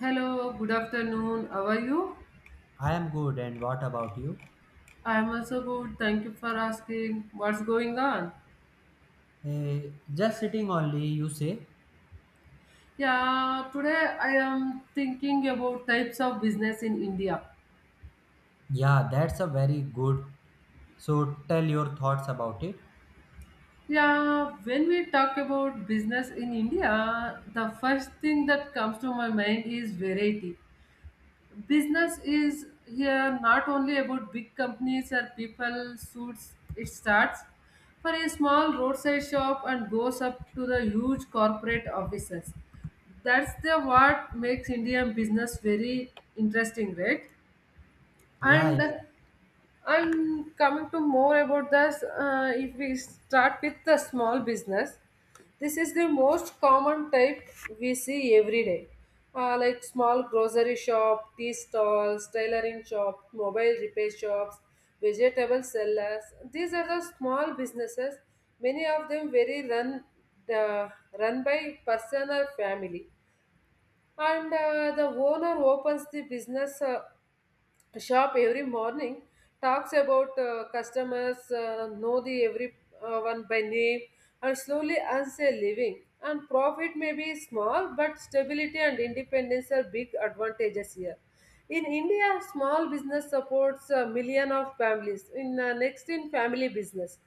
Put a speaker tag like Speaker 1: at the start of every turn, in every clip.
Speaker 1: Hello, good afternoon. How are you?
Speaker 2: I am good, and what about you?
Speaker 1: I'm also good. Thank you for asking. What's going on?
Speaker 2: Just sitting only, you say?
Speaker 1: Yeah, today I am thinking about types of business in India.
Speaker 2: Yeah, that's a very good. So tell your thoughts about it.
Speaker 1: Yeah, when we talk about business in India, the first thing that comes to my mind is variety. Business is here not only about big companies or people suits, it starts for a small roadside shop and goes up to the huge corporate offices. That's the what makes Indian business very interesting, right?
Speaker 2: Yeah,
Speaker 1: and
Speaker 2: yeah,
Speaker 1: and coming to more about this, if we start with the small business, this is the most common type we see every day. Like small grocery shop, tea stalls, tailoring shop, mobile repair shops, vegetable sellers. These are the small businesses. Many of them very run uh, run by person or family, and the owner opens the business. Shop every morning, talks about customers, know the every one by name and slowly earns a living, and profit may be small but stability and independence are big advantages here. In India, small business supports a million of families. In next in family business,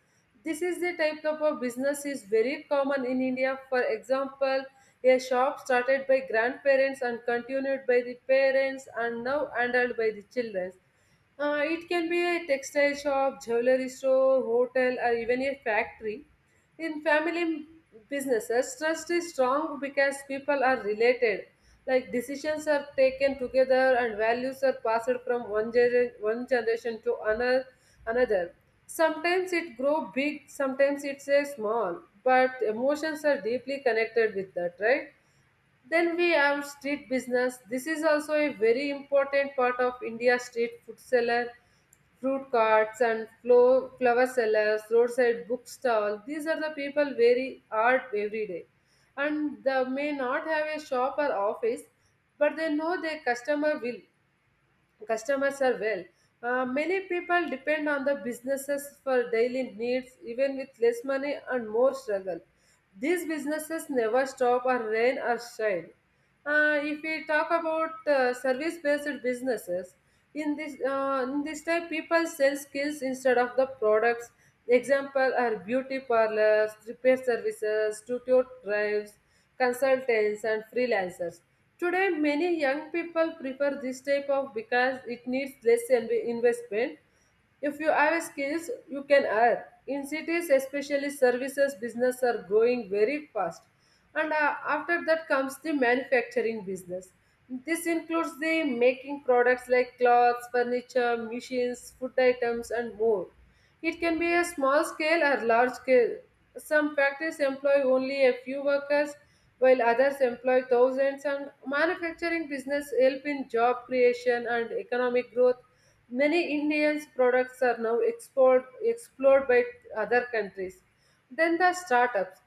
Speaker 1: this is the type of a business is very common in India. For example, a shop started by grandparents and continued by the parents and now handled by the children. It can be a textile shop, jewelry store, hotel, or even a factory. In family businesses, trust is strong because people are related. Like, decisions are taken together and values are passed from one generation to another. Sometimes it grow big, sometimes it's a small, but emotions are deeply connected with that, right? Then we have street business. This is also a very important part of India. Street food seller, fruit carts, and flower sellers, roadside book stall. These are the people very hard every day. And they may not have a shop or office, but they know their customer will, customers are well. Many people depend on the businesses for daily needs, even with less money and more struggle. These businesses never stop or rain or shine. If we talk about service-based businesses, in this type, people sell skills instead of the products. Example are beauty parlors, repair services, studio drives, consultants and freelancers. Today, many young people prefer this type of because it needs investment. If you have skills, you can earn. In cities, especially services business are growing very fast. And after that comes the manufacturing business. This includes the making products like clothes, furniture, machines, food items, and more. It can be a small scale or large scale. Some factories employ only a few workers, while others employ thousands. And manufacturing business help in job creation and economic growth. Many Indians' products are now explored by other countries. Then the startups.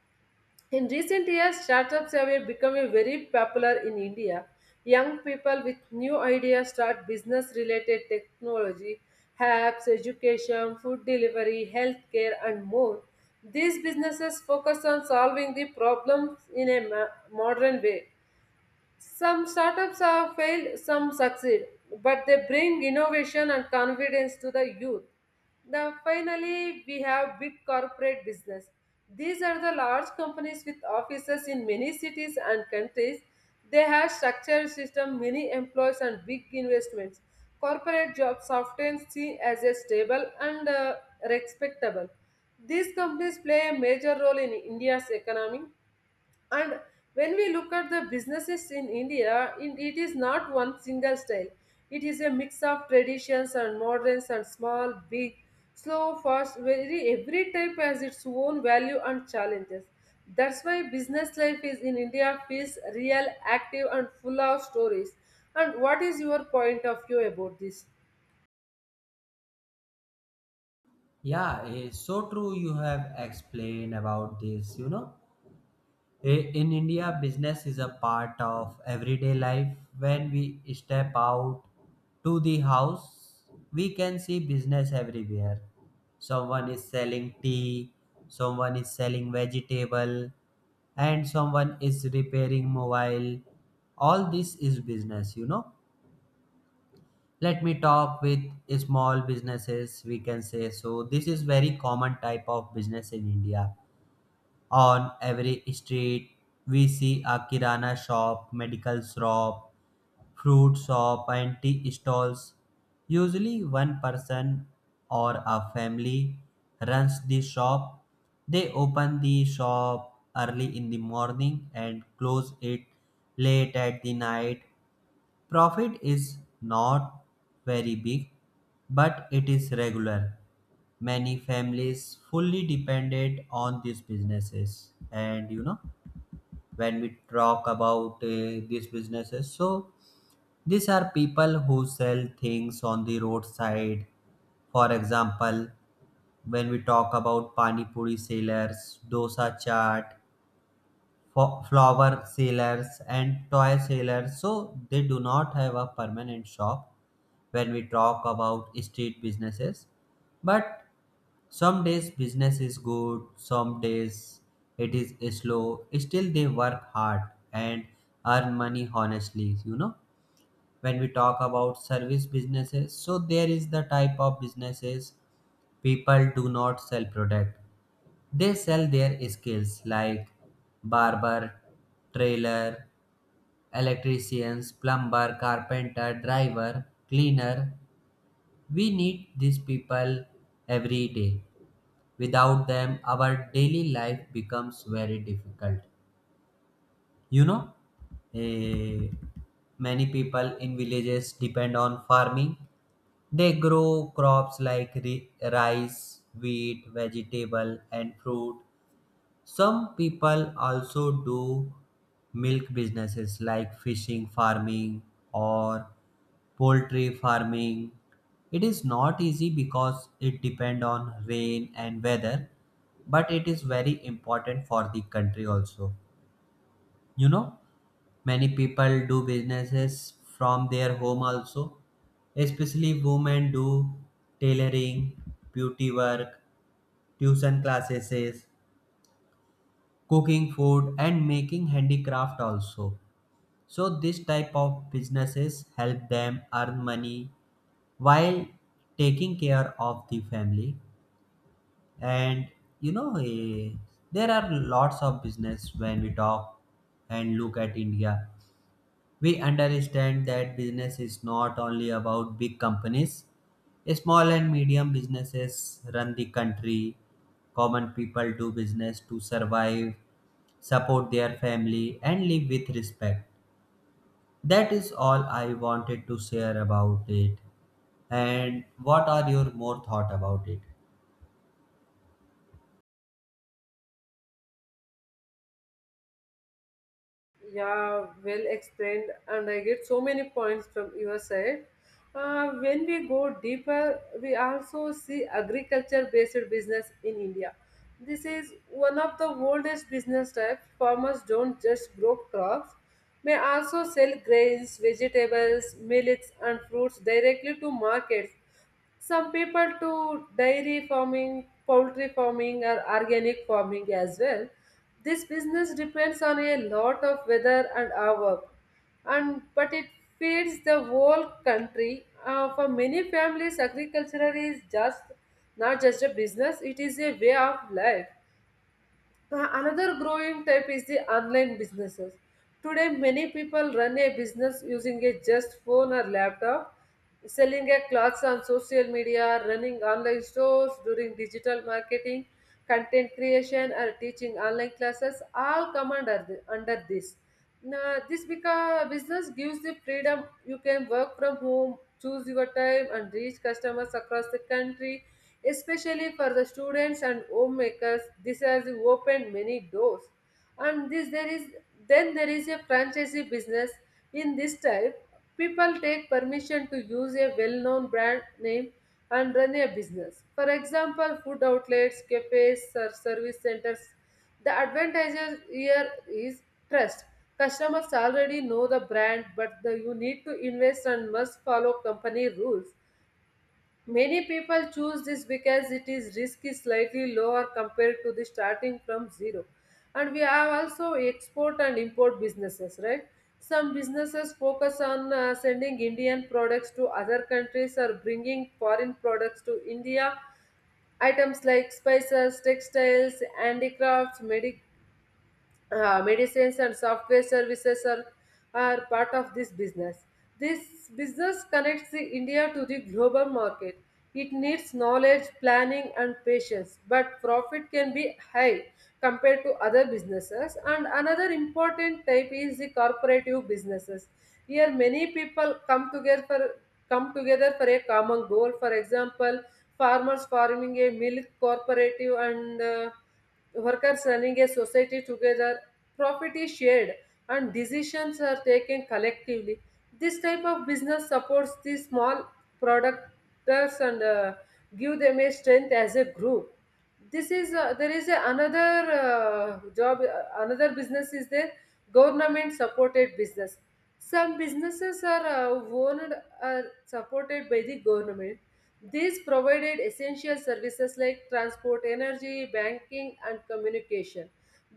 Speaker 1: In recent years, startups have become very popular in India. Young people with new ideas start business related technology, apps, education, food delivery, healthcare, and more. These businesses focus on solving the problems in a modern way. Some startups have failed, some succeed, but they bring innovation and confidence to the youth. Now, finally, we have big corporate business. These are the large companies with offices in many cities and countries. They have structured system, many employees, and big investments. Corporate jobs often seen as a stable and respectable. These companies play a major role in India's economy. And when we look at the businesses in India, it is not one single style. It is a mix of traditions and moderns and small, big, slow, fast. Very every type has its own value and challenges. That's why business life is in India feels real, active, and full of stories. And what is your point of view about this?
Speaker 2: yeah. eh, So true. You have explained about this. You know, in India, business is a part of everyday life. When we step out to the house, we can see business everywhere. Someone is selling tea. Someone is selling vegetable, and someone is repairing mobile. All this is business, you know. Let me talk with small businesses, we can say. So this is very common type of business in India. On every street we see a kirana shop, medical shop, fruit shop, and tea stalls. Usually, one person or a family runs the shop. They open the shop early in the morning and close it late at the night. Profit is not very big, but it is regular. Many families fully depended on these businesses, and you know, when we talk about these businesses, so these are people who sell things on the roadside. For example, when we talk about pani puri sellers, dosa chaat, flower sellers, and toy sellers, so they do not have a permanent shop when we talk about street businesses. But some days business is good, some days it is slow. Still, they work hard and earn money honestly, you know. When we talk about service businesses, so there is the type of businesses people do not sell product, they sell their skills, like barber, trailer, electricians, plumber, carpenter, driver, cleaner. We need these people every day. Without them our daily life becomes very difficult, you know. eh, Many people in villages depend on farming. They grow crops like rice, wheat, vegetable, and fruit. Some people also do milk businesses like fishing farming or poultry farming. It is not easy because it depends on rain and weather, but it is very important for the country also. You know? Many people do businesses from their home also, especially women do tailoring, beauty work, tuition classes, cooking food, and making handicraft also. So, this type of businesses help them earn money while taking care of the family. And you know, there are lots of business when we talk and look at India. We understand that business is not only about big companies. Small and medium businesses run the country. Common people do business to survive, support their family, and live with respect. That is all I wanted to share about it. And what are your more thought about it?
Speaker 1: Yeah, well explained, and I get so many points from your side. When we go deeper, we also see agriculture based business in India. This is one of the oldest business types. Farmers don't just grow crops, may also sell grains, vegetables, millets, and fruits directly to markets. Some people to dairy farming, poultry farming, or organic farming as well. This business depends on a lot of weather and our work, and but it feeds the whole country. For many families agriculture is just not just a business, it is a way of life. Uh, another growing type is the online businesses. Today, many people run a business using a just phone or laptop, selling a clothes on social media, running online stores, doing digital marketing, content creation, or teaching online classes. All come under, under this. Now, business gives the freedom. You can work from home, choose your time, and reach customers across the country. Especially for the students and homemakers, this has opened many doors. And this there is Then there is a franchisee business. In this type, people take permission to use a well-known brand name and run a business. For example, food outlets, cafes, or service centers. The advantage here is trust. Customers already know the brand, but you need to invest and must follow company rules. Many people choose this because it is risky slightly lower compared to the starting from zero. And we have also export and import businesses, right? Some businesses focus on sending Indian products to other countries or bringing foreign products to India. Items like spices, textiles, handicrafts, medical medicines and software services are part of this business. This business connects the India to the global market. It needs knowledge, planning, and patience, but profit can be high compared to other businesses. And another important type is the corporative businesses. Here, many people come together for a common goal. For example, farmers forming a milk cooperative and workers running a society together, profit is shared and decisions are taken collectively. This type of business supports the small producers and give them a strength as a group. This is there is a another job Another business is there: government supported business. Some businesses are owned or supported by the government. These provided essential services like transport, energy, banking, and communication.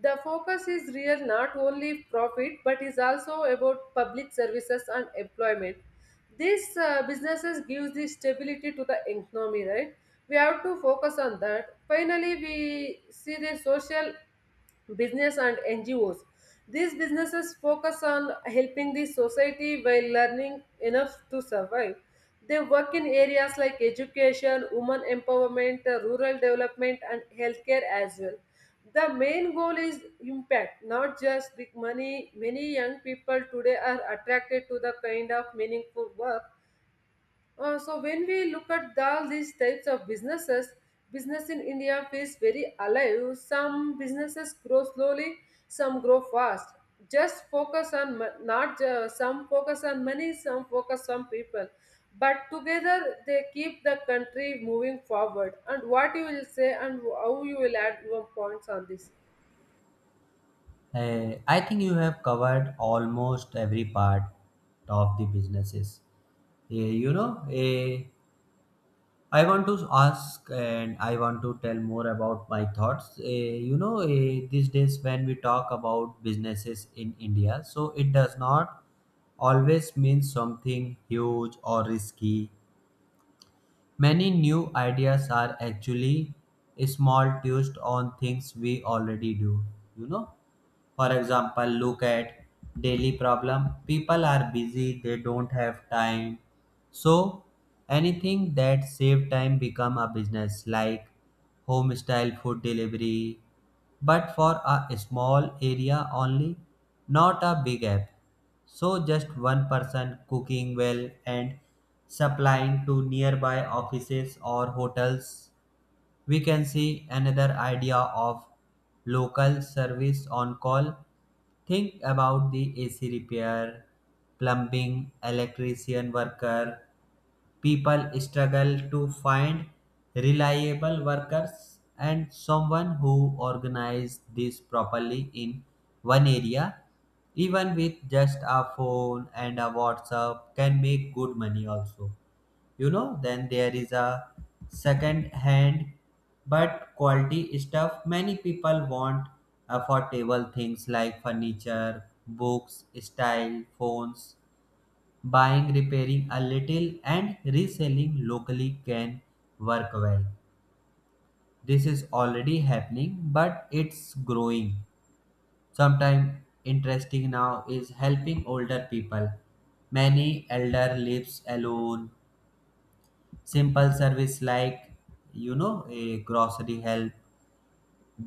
Speaker 1: The focus is real not only profit but is also about public services and employment. These businesses give the stability to the economy, right? We have to focus on that. Finally, we see the social business and NGOs. These businesses focus on helping the society while learning enough to survive. They work in areas like education, women empowerment, rural development, and healthcare as well. The main goal is impact, not just the money. Many young people today are attracted to the kind of meaningful work. Uh, so when we look at all these types of businesses, business in India feels very alive. Some businesses grow slowly, some grow fast. Just focus on mo- not Some focus on money, some focus on people, but together they keep the country moving forward. And what you will say and how you will add your points on this?
Speaker 2: I think you have covered almost every part of the businesses. Eh, you know, I want to ask and I want to tell more about my thoughts. You know, these days when we talk about businesses in India, so it does not always mean something huge or risky. Many new ideas are actually small twists on things we already do, you know. For example, look at daily problem. People are busy, they don't have time. So anything that save time become a business, like home style food delivery, but for a small area only, not a big app. So just one person cooking well and supplying to nearby offices or hotels. We can see another idea of local service on call. Think about the AC repair, plumbing, electrician worker. People struggle to find reliable workers, and someone who organizes this properly in one area, even with just a phone and a WhatsApp, can make good money also. You know, then there is a second hand but quality stuff. Many people want affordable things like furniture, books, style, phones. Buying, repairing a little, and reselling locally can work well. This is already happening, but it's growing. Sometimes interesting now is helping older people. Many elder lives alone. Simple service like, you know, a grocery help,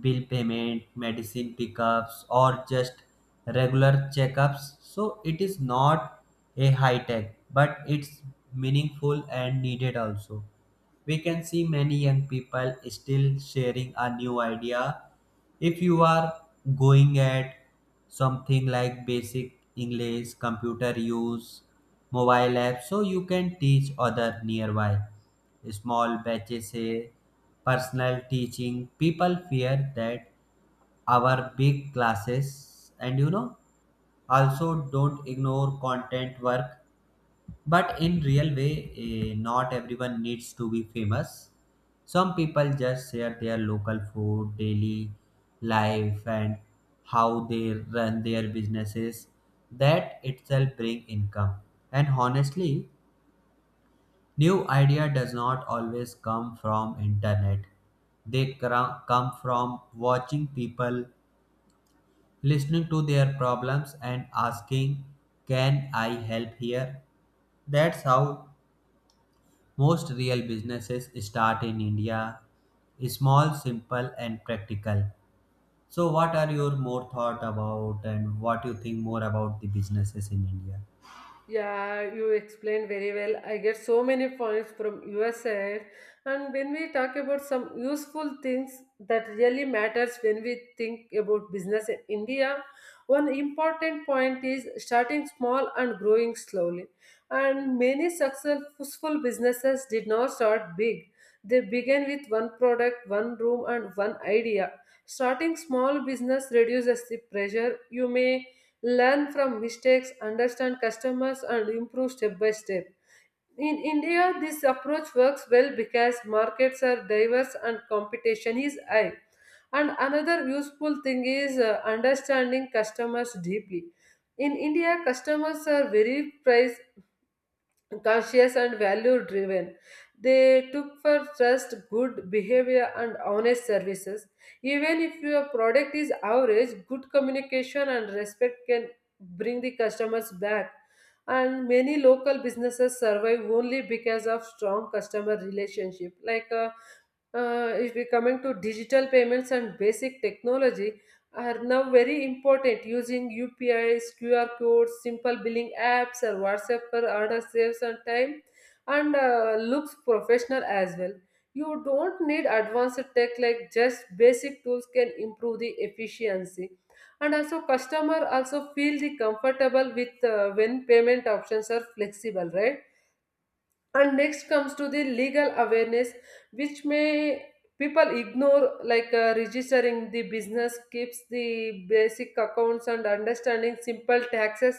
Speaker 2: bill payment, medicine pickups, or just regular checkups. So it is not a high tech, but it's meaningful and needed also. We can see many young people still sharing a new idea. If you are going at something like basic English, computer use, mobile app, so you can teach other nearby small batches, say personal teaching. People fear that our big classes, and you know, also don't ignore content work, but in real way. Not everyone needs to be famous. Some people just share their local food, daily life, and how they run their businesses. That itself bring income. And honestly, new idea does not always come from internet. Come from watching people, listening to their problems and asking, "Can I help here?" That's how most real businesses start in India. Small, simple, and practical. So what are your more thought about, and what you think more about the businesses in India?
Speaker 1: Yeah, you explained very well. I get so many points from your side. And when we talk about some useful things that really matters when we think about business in India, one important point is starting small and growing slowly. And many successful businesses did not start big. They began with one product, one room, and one idea. Starting small business reduces the pressure. You may learn from mistakes, understand customers, and improve step by step. In India, this approach works well because markets are diverse and competition is high. And another useful thing is understanding customers deeply. In India, customers are very price conscious and value driven. They took for trust good behavior and honest services. Even if your product is average, good communication and respect can bring the customers back. And many local businesses survive only because of strong customer relationship. If we coming to digital payments and basic technology are now very important, using UPIs, QR codes, simple billing apps or WhatsApp for order saves and time, and looks professional as well. You don't need advanced tech, like just basic tools can improve the efficiency, and also customer also feel the comfortable with, when payment options are flexible, right? And next comes to the legal awareness which may people ignore, like registering the business, keeps the basic accounts and understanding simple taxes,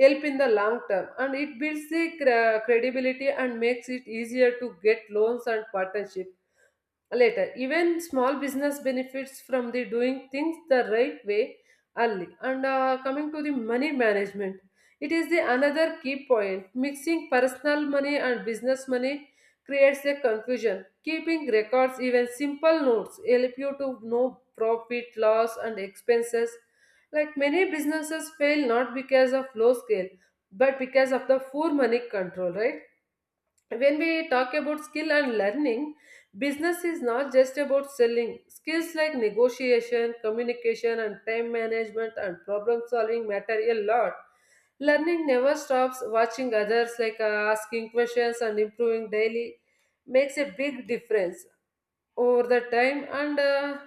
Speaker 1: help in the long term, and it builds the credibility and makes it easier to get loans and partnership later. Even small business benefits from the doing things the right way early. And coming to the money management, it is the another key point. Mixing personal money and business money creates a confusion. Keeping records, even simple notes, help you to know profit, loss and expenses. Like many businesses fail not because of low scale but because of the poor money control, right? When we talk about skill and learning, business is not just about selling. Skills like negotiation, communication and time management and problem solving matter a lot. Learning never stops. Watching others, like asking questions and improving daily, makes a big difference over the time. And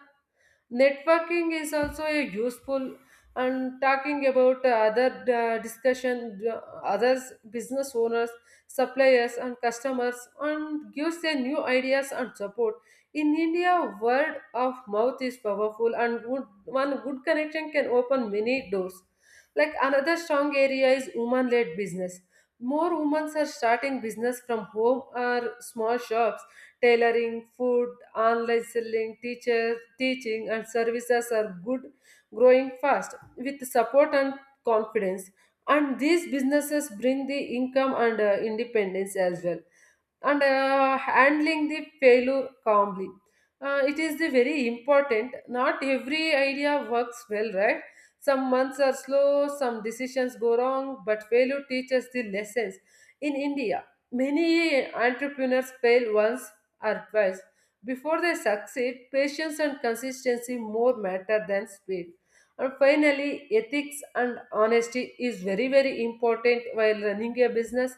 Speaker 1: networking is also a useful, and talking about other, discussion, others business owners, suppliers and customers, and gives a new ideas and support. In India, word of mouth is powerful and good, one good connection can open many doors. Like another strong area is woman led business. More women are starting business from home or small shops. Tailoring, food, online selling, teachers, teaching, and services are good, growing fast with support and confidence. And these businesses bring the income and independence as well. And handling the failure calmly. It is the very important. Not every idea works well, right? Some months are slow, some decisions go wrong, but failure teaches the lessons. In India, many entrepreneurs fail once advice. Before they succeed, patience and consistency more matter than speed. And finally, ethics and honesty is very, very important while running a business.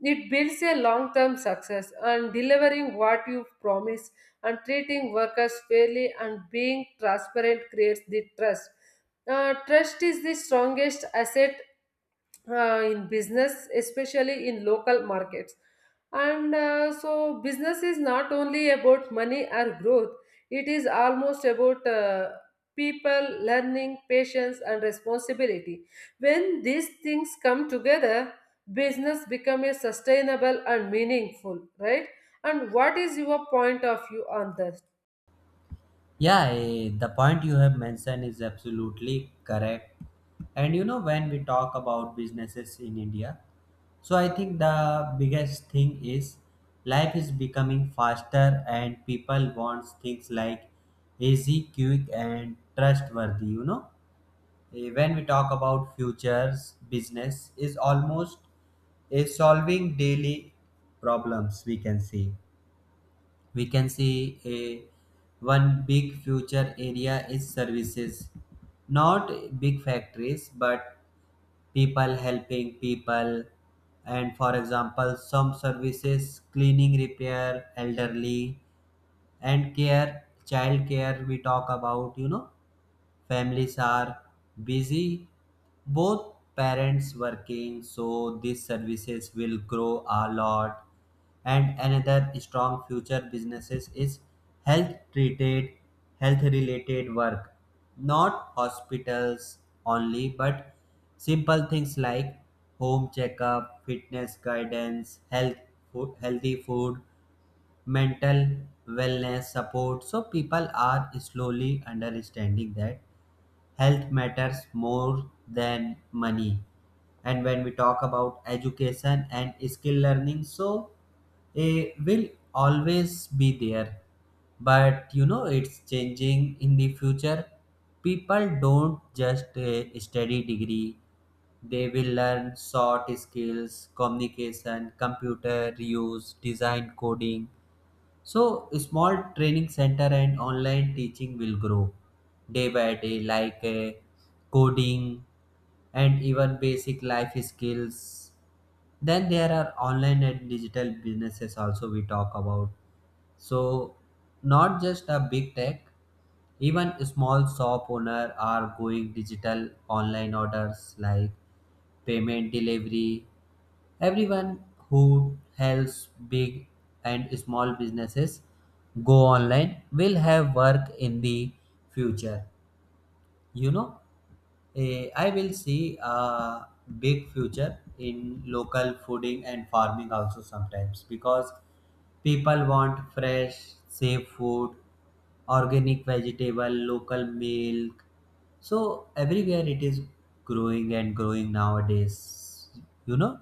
Speaker 1: It builds a long term success, and delivering what you promise and treating workers fairly and being transparent creates the trust. Trust is the strongest asset in business, especially in local markets. And so, business is not only about money or growth, it is almost about people, learning, patience, and responsibility. When these things come together, business becomes sustainable and meaningful, right? And what is your point of view on that?
Speaker 2: Yeah, the point you have mentioned is absolutely correct. And you know, when we talk about businesses in India, so I think the biggest thing is life is becoming faster and people want things like easy, quick, and trustworthy. You know, when we talk about futures, business is almost is solving daily problems. We can see, we can see, a one big future area is services. Not big factories, but people helping people. And for example, some services, cleaning, repair, elderly and care, child care we talk about, you know. Families are busy, both parents working, so these services will grow a lot. And another strong future businesses is health treated, health related work, not hospitals only, but simple things like home checkup, fitness guidance, healthy food, mental wellness support. So people are slowly understanding that health matters more than money. And when we talk about education and skill learning, so it will always be there, but you know, it's changing in the future. People don't just study degree, they will learn short skills, communication, computer use, design, coding. So, small training center and online teaching will grow day by day, like coding and even basic life skills. Then there are online and digital businesses also we talk about. So, not just a big tech, even small shop owner are going digital, online orders like payment delivery. Everyone who helps big and small businesses go online will have work in the future. You know, I will see a big future in local fooding and farming also sometimes, because people want fresh, safe food, organic vegetable, local milk. So everywhere it is growing and growing nowadays, you know.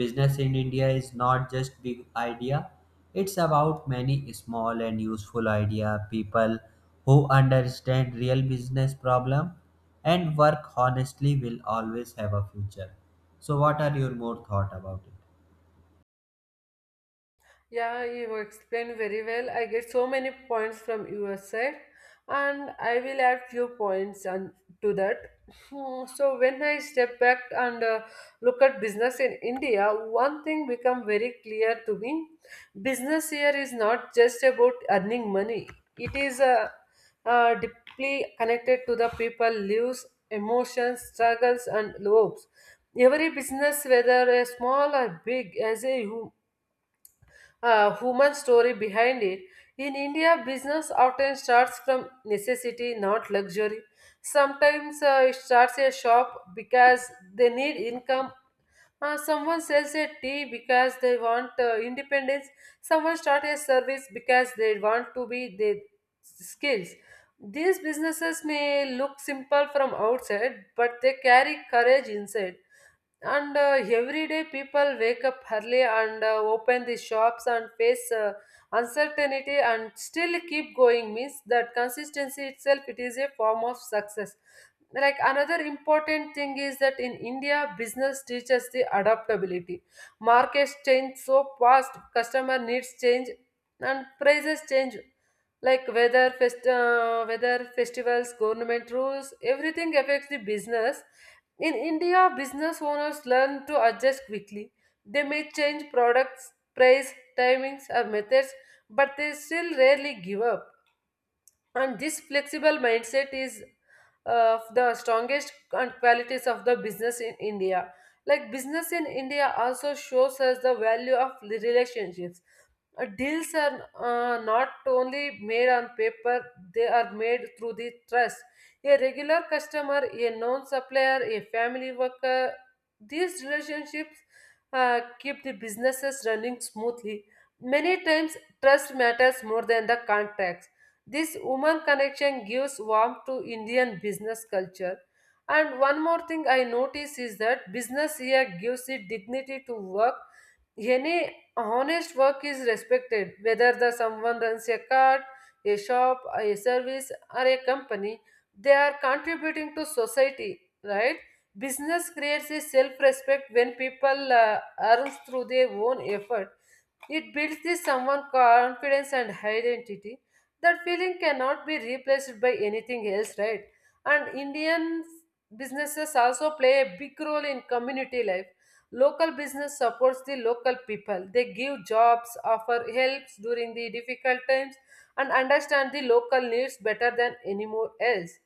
Speaker 2: Business in India is not just big idea. It's about many small and useful idea. People who understand real business problem and work honestly will always have a future. So what are your more thought about it?
Speaker 1: Yeah, you explained very well. I get so many points from your side, and I will add few points on to that. Hmm. So when I step back and look at business in India, one thing become very clear to me: business here is not just about earning money. It is deeply connected to the people lives, emotions, struggles, and hopes. Every business, whether a small or big, has a human story behind it. In India, business often starts from necessity, not luxury. Sometimes it starts a shop because they need income. Someone sells a tea because they want independence. Someone starts a service because they want to be their skills. These businesses may look simple from outside, but they carry courage inside. And every day, people wake up early and open the shops and face uncertainty, and still keep going means that consistency itself it is a form of success. Like another important thing is that in India, business teaches the adaptability. Markets change so fast, customer needs change, and prices change. Like weather, weather festivals, government rules, everything affects the business. In India, business owners learn to adjust quickly. They may change products, price, timings, or methods, but they still rarely give up. And this flexible mindset is the strongest and qualities of the business in India. Like business in India also shows us the value of relationships. Deals are not only made on paper, they are made through the trust. A regular customer, a known supplier, a family worker, these relationships keep the businesses running smoothly. Many times, trust matters more than the contracts. This human connection gives warmth to Indian business culture. And one more thing I notice is that business here gives the dignity to work. Any honest work is respected, whether the someone runs a cart, a shop, a service, or a company. They are contributing to society, right? Business creates a self-respect when people earn through their own effort. It builds this someone confidence and identity. That feeling cannot be replaced by anything else, right? And Indian businesses also play a big role in community life. Local business supports the local people. They give jobs, offer helps during the difficult times, and understand the local needs better than anyone else.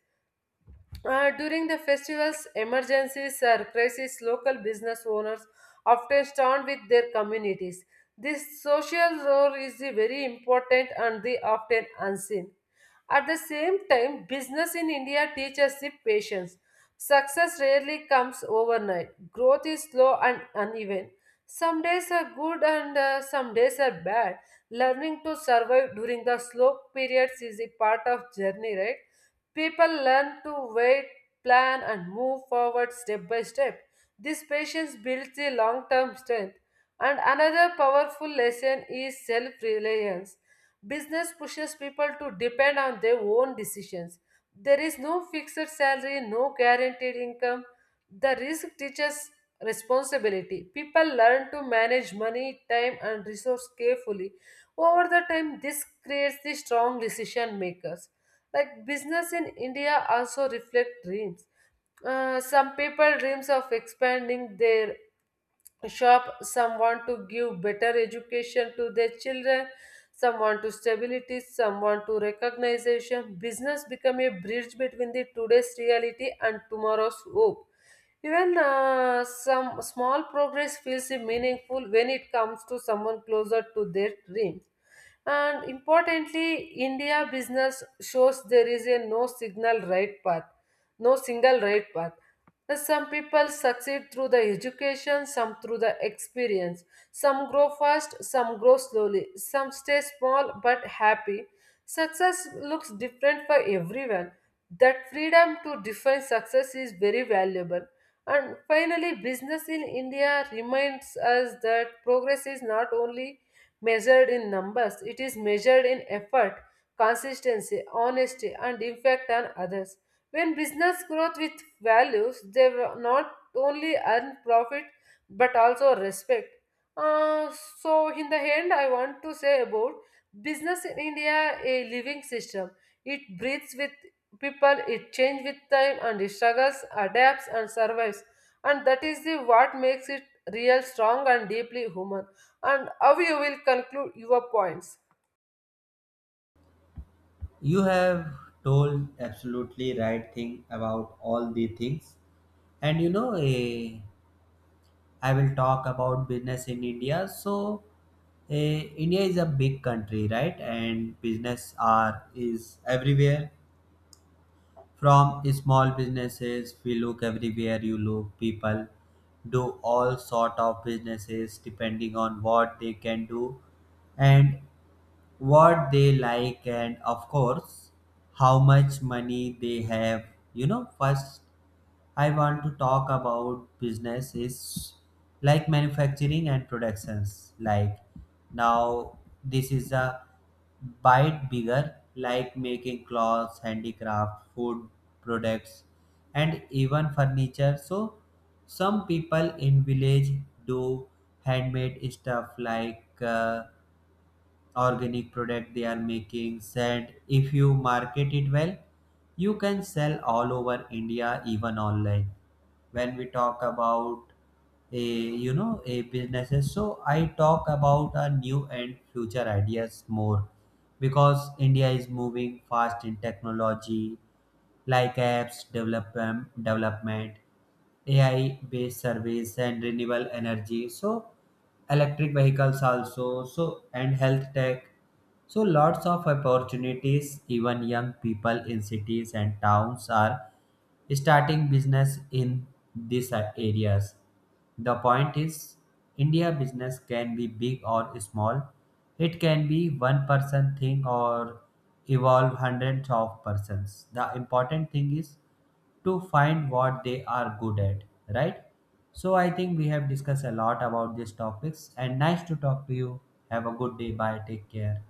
Speaker 1: During the festivals, emergencies, or crises, local business owners often stand with their communities. This social role is the very important and the often unseen. At the same time, business in India teaches the patience. Success rarely comes overnight. Growth is slow and uneven. Some days are good and some days are bad. Learning to survive during the slow periods is a part of journey, right? People learn to wait, plan and move forward step by step. This patience builds a long-term strength. And another powerful lesson is self-reliance. Business pushes people to depend on their own decisions. There is no fixed salary, no guaranteed income. The risk teaches responsibility. People learn to manage money, time, and resource carefully. Over the time, this creates the strong decision makers. Like business in India also reflect dreams. Some people dreams of expanding their shop, some want to give better education to their children, some want to stability, some want to recognition. Business become a bridge between the today's reality and tomorrow's hope. Even some small progress feels meaningful when it comes to someone closer to their dream. And importantly, India business shows there is a no signal right path, no single right path. Some people succeed through the education, some through the experience. Some grow fast, some grow slowly. Some stay small but happy. Success looks different for everyone. That freedom to define success is very valuable. And finally, business in India reminds us that progress is not only measured in numbers, it is measured in effort, consistency, honesty, and impact on others. When business growth with values, they will not only earn profit but also respect. Uh, so, in the end, I want to say about business in India, a living system. It breathes with people, it changes with time, and it struggles, adapts, and survives. And that is the what makes it real, strong, and deeply human. And how you will conclude your points?
Speaker 2: You have told absolutely right thing about all the things. And you know, a I will talk about business in India. So, eh, India is a big country, right? And business are is everywhere. From small businesses, we look everywhere. You look people do all sort of businesses depending on what they can do and what they like, and of course how much money they have, you know. First I want to talk about businesses like manufacturing and productions. Like now, this is a bite bigger, like making clothes, handicraft, food products, and even furniture. So, some people in village do handmade stuff like. Organic product they are making said, if you market it well you can sell all over India, even online. When we talk about a, you know, a businesses, so I talk about our new and future ideas more, because India is moving fast in technology, like apps development, AI based surveys, and renewable energy, so electric vehicles also, so and health tech. So lots of opportunities, even young people in cities and towns are starting business in these areas. The point is, India business can be big or small. It can be one person thing or evolve hundreds of persons. The important thing is to find what they are good at, right? So I think we have discussed a lot about these topics and nice to talk to you. Have a good day. Bye. Take care.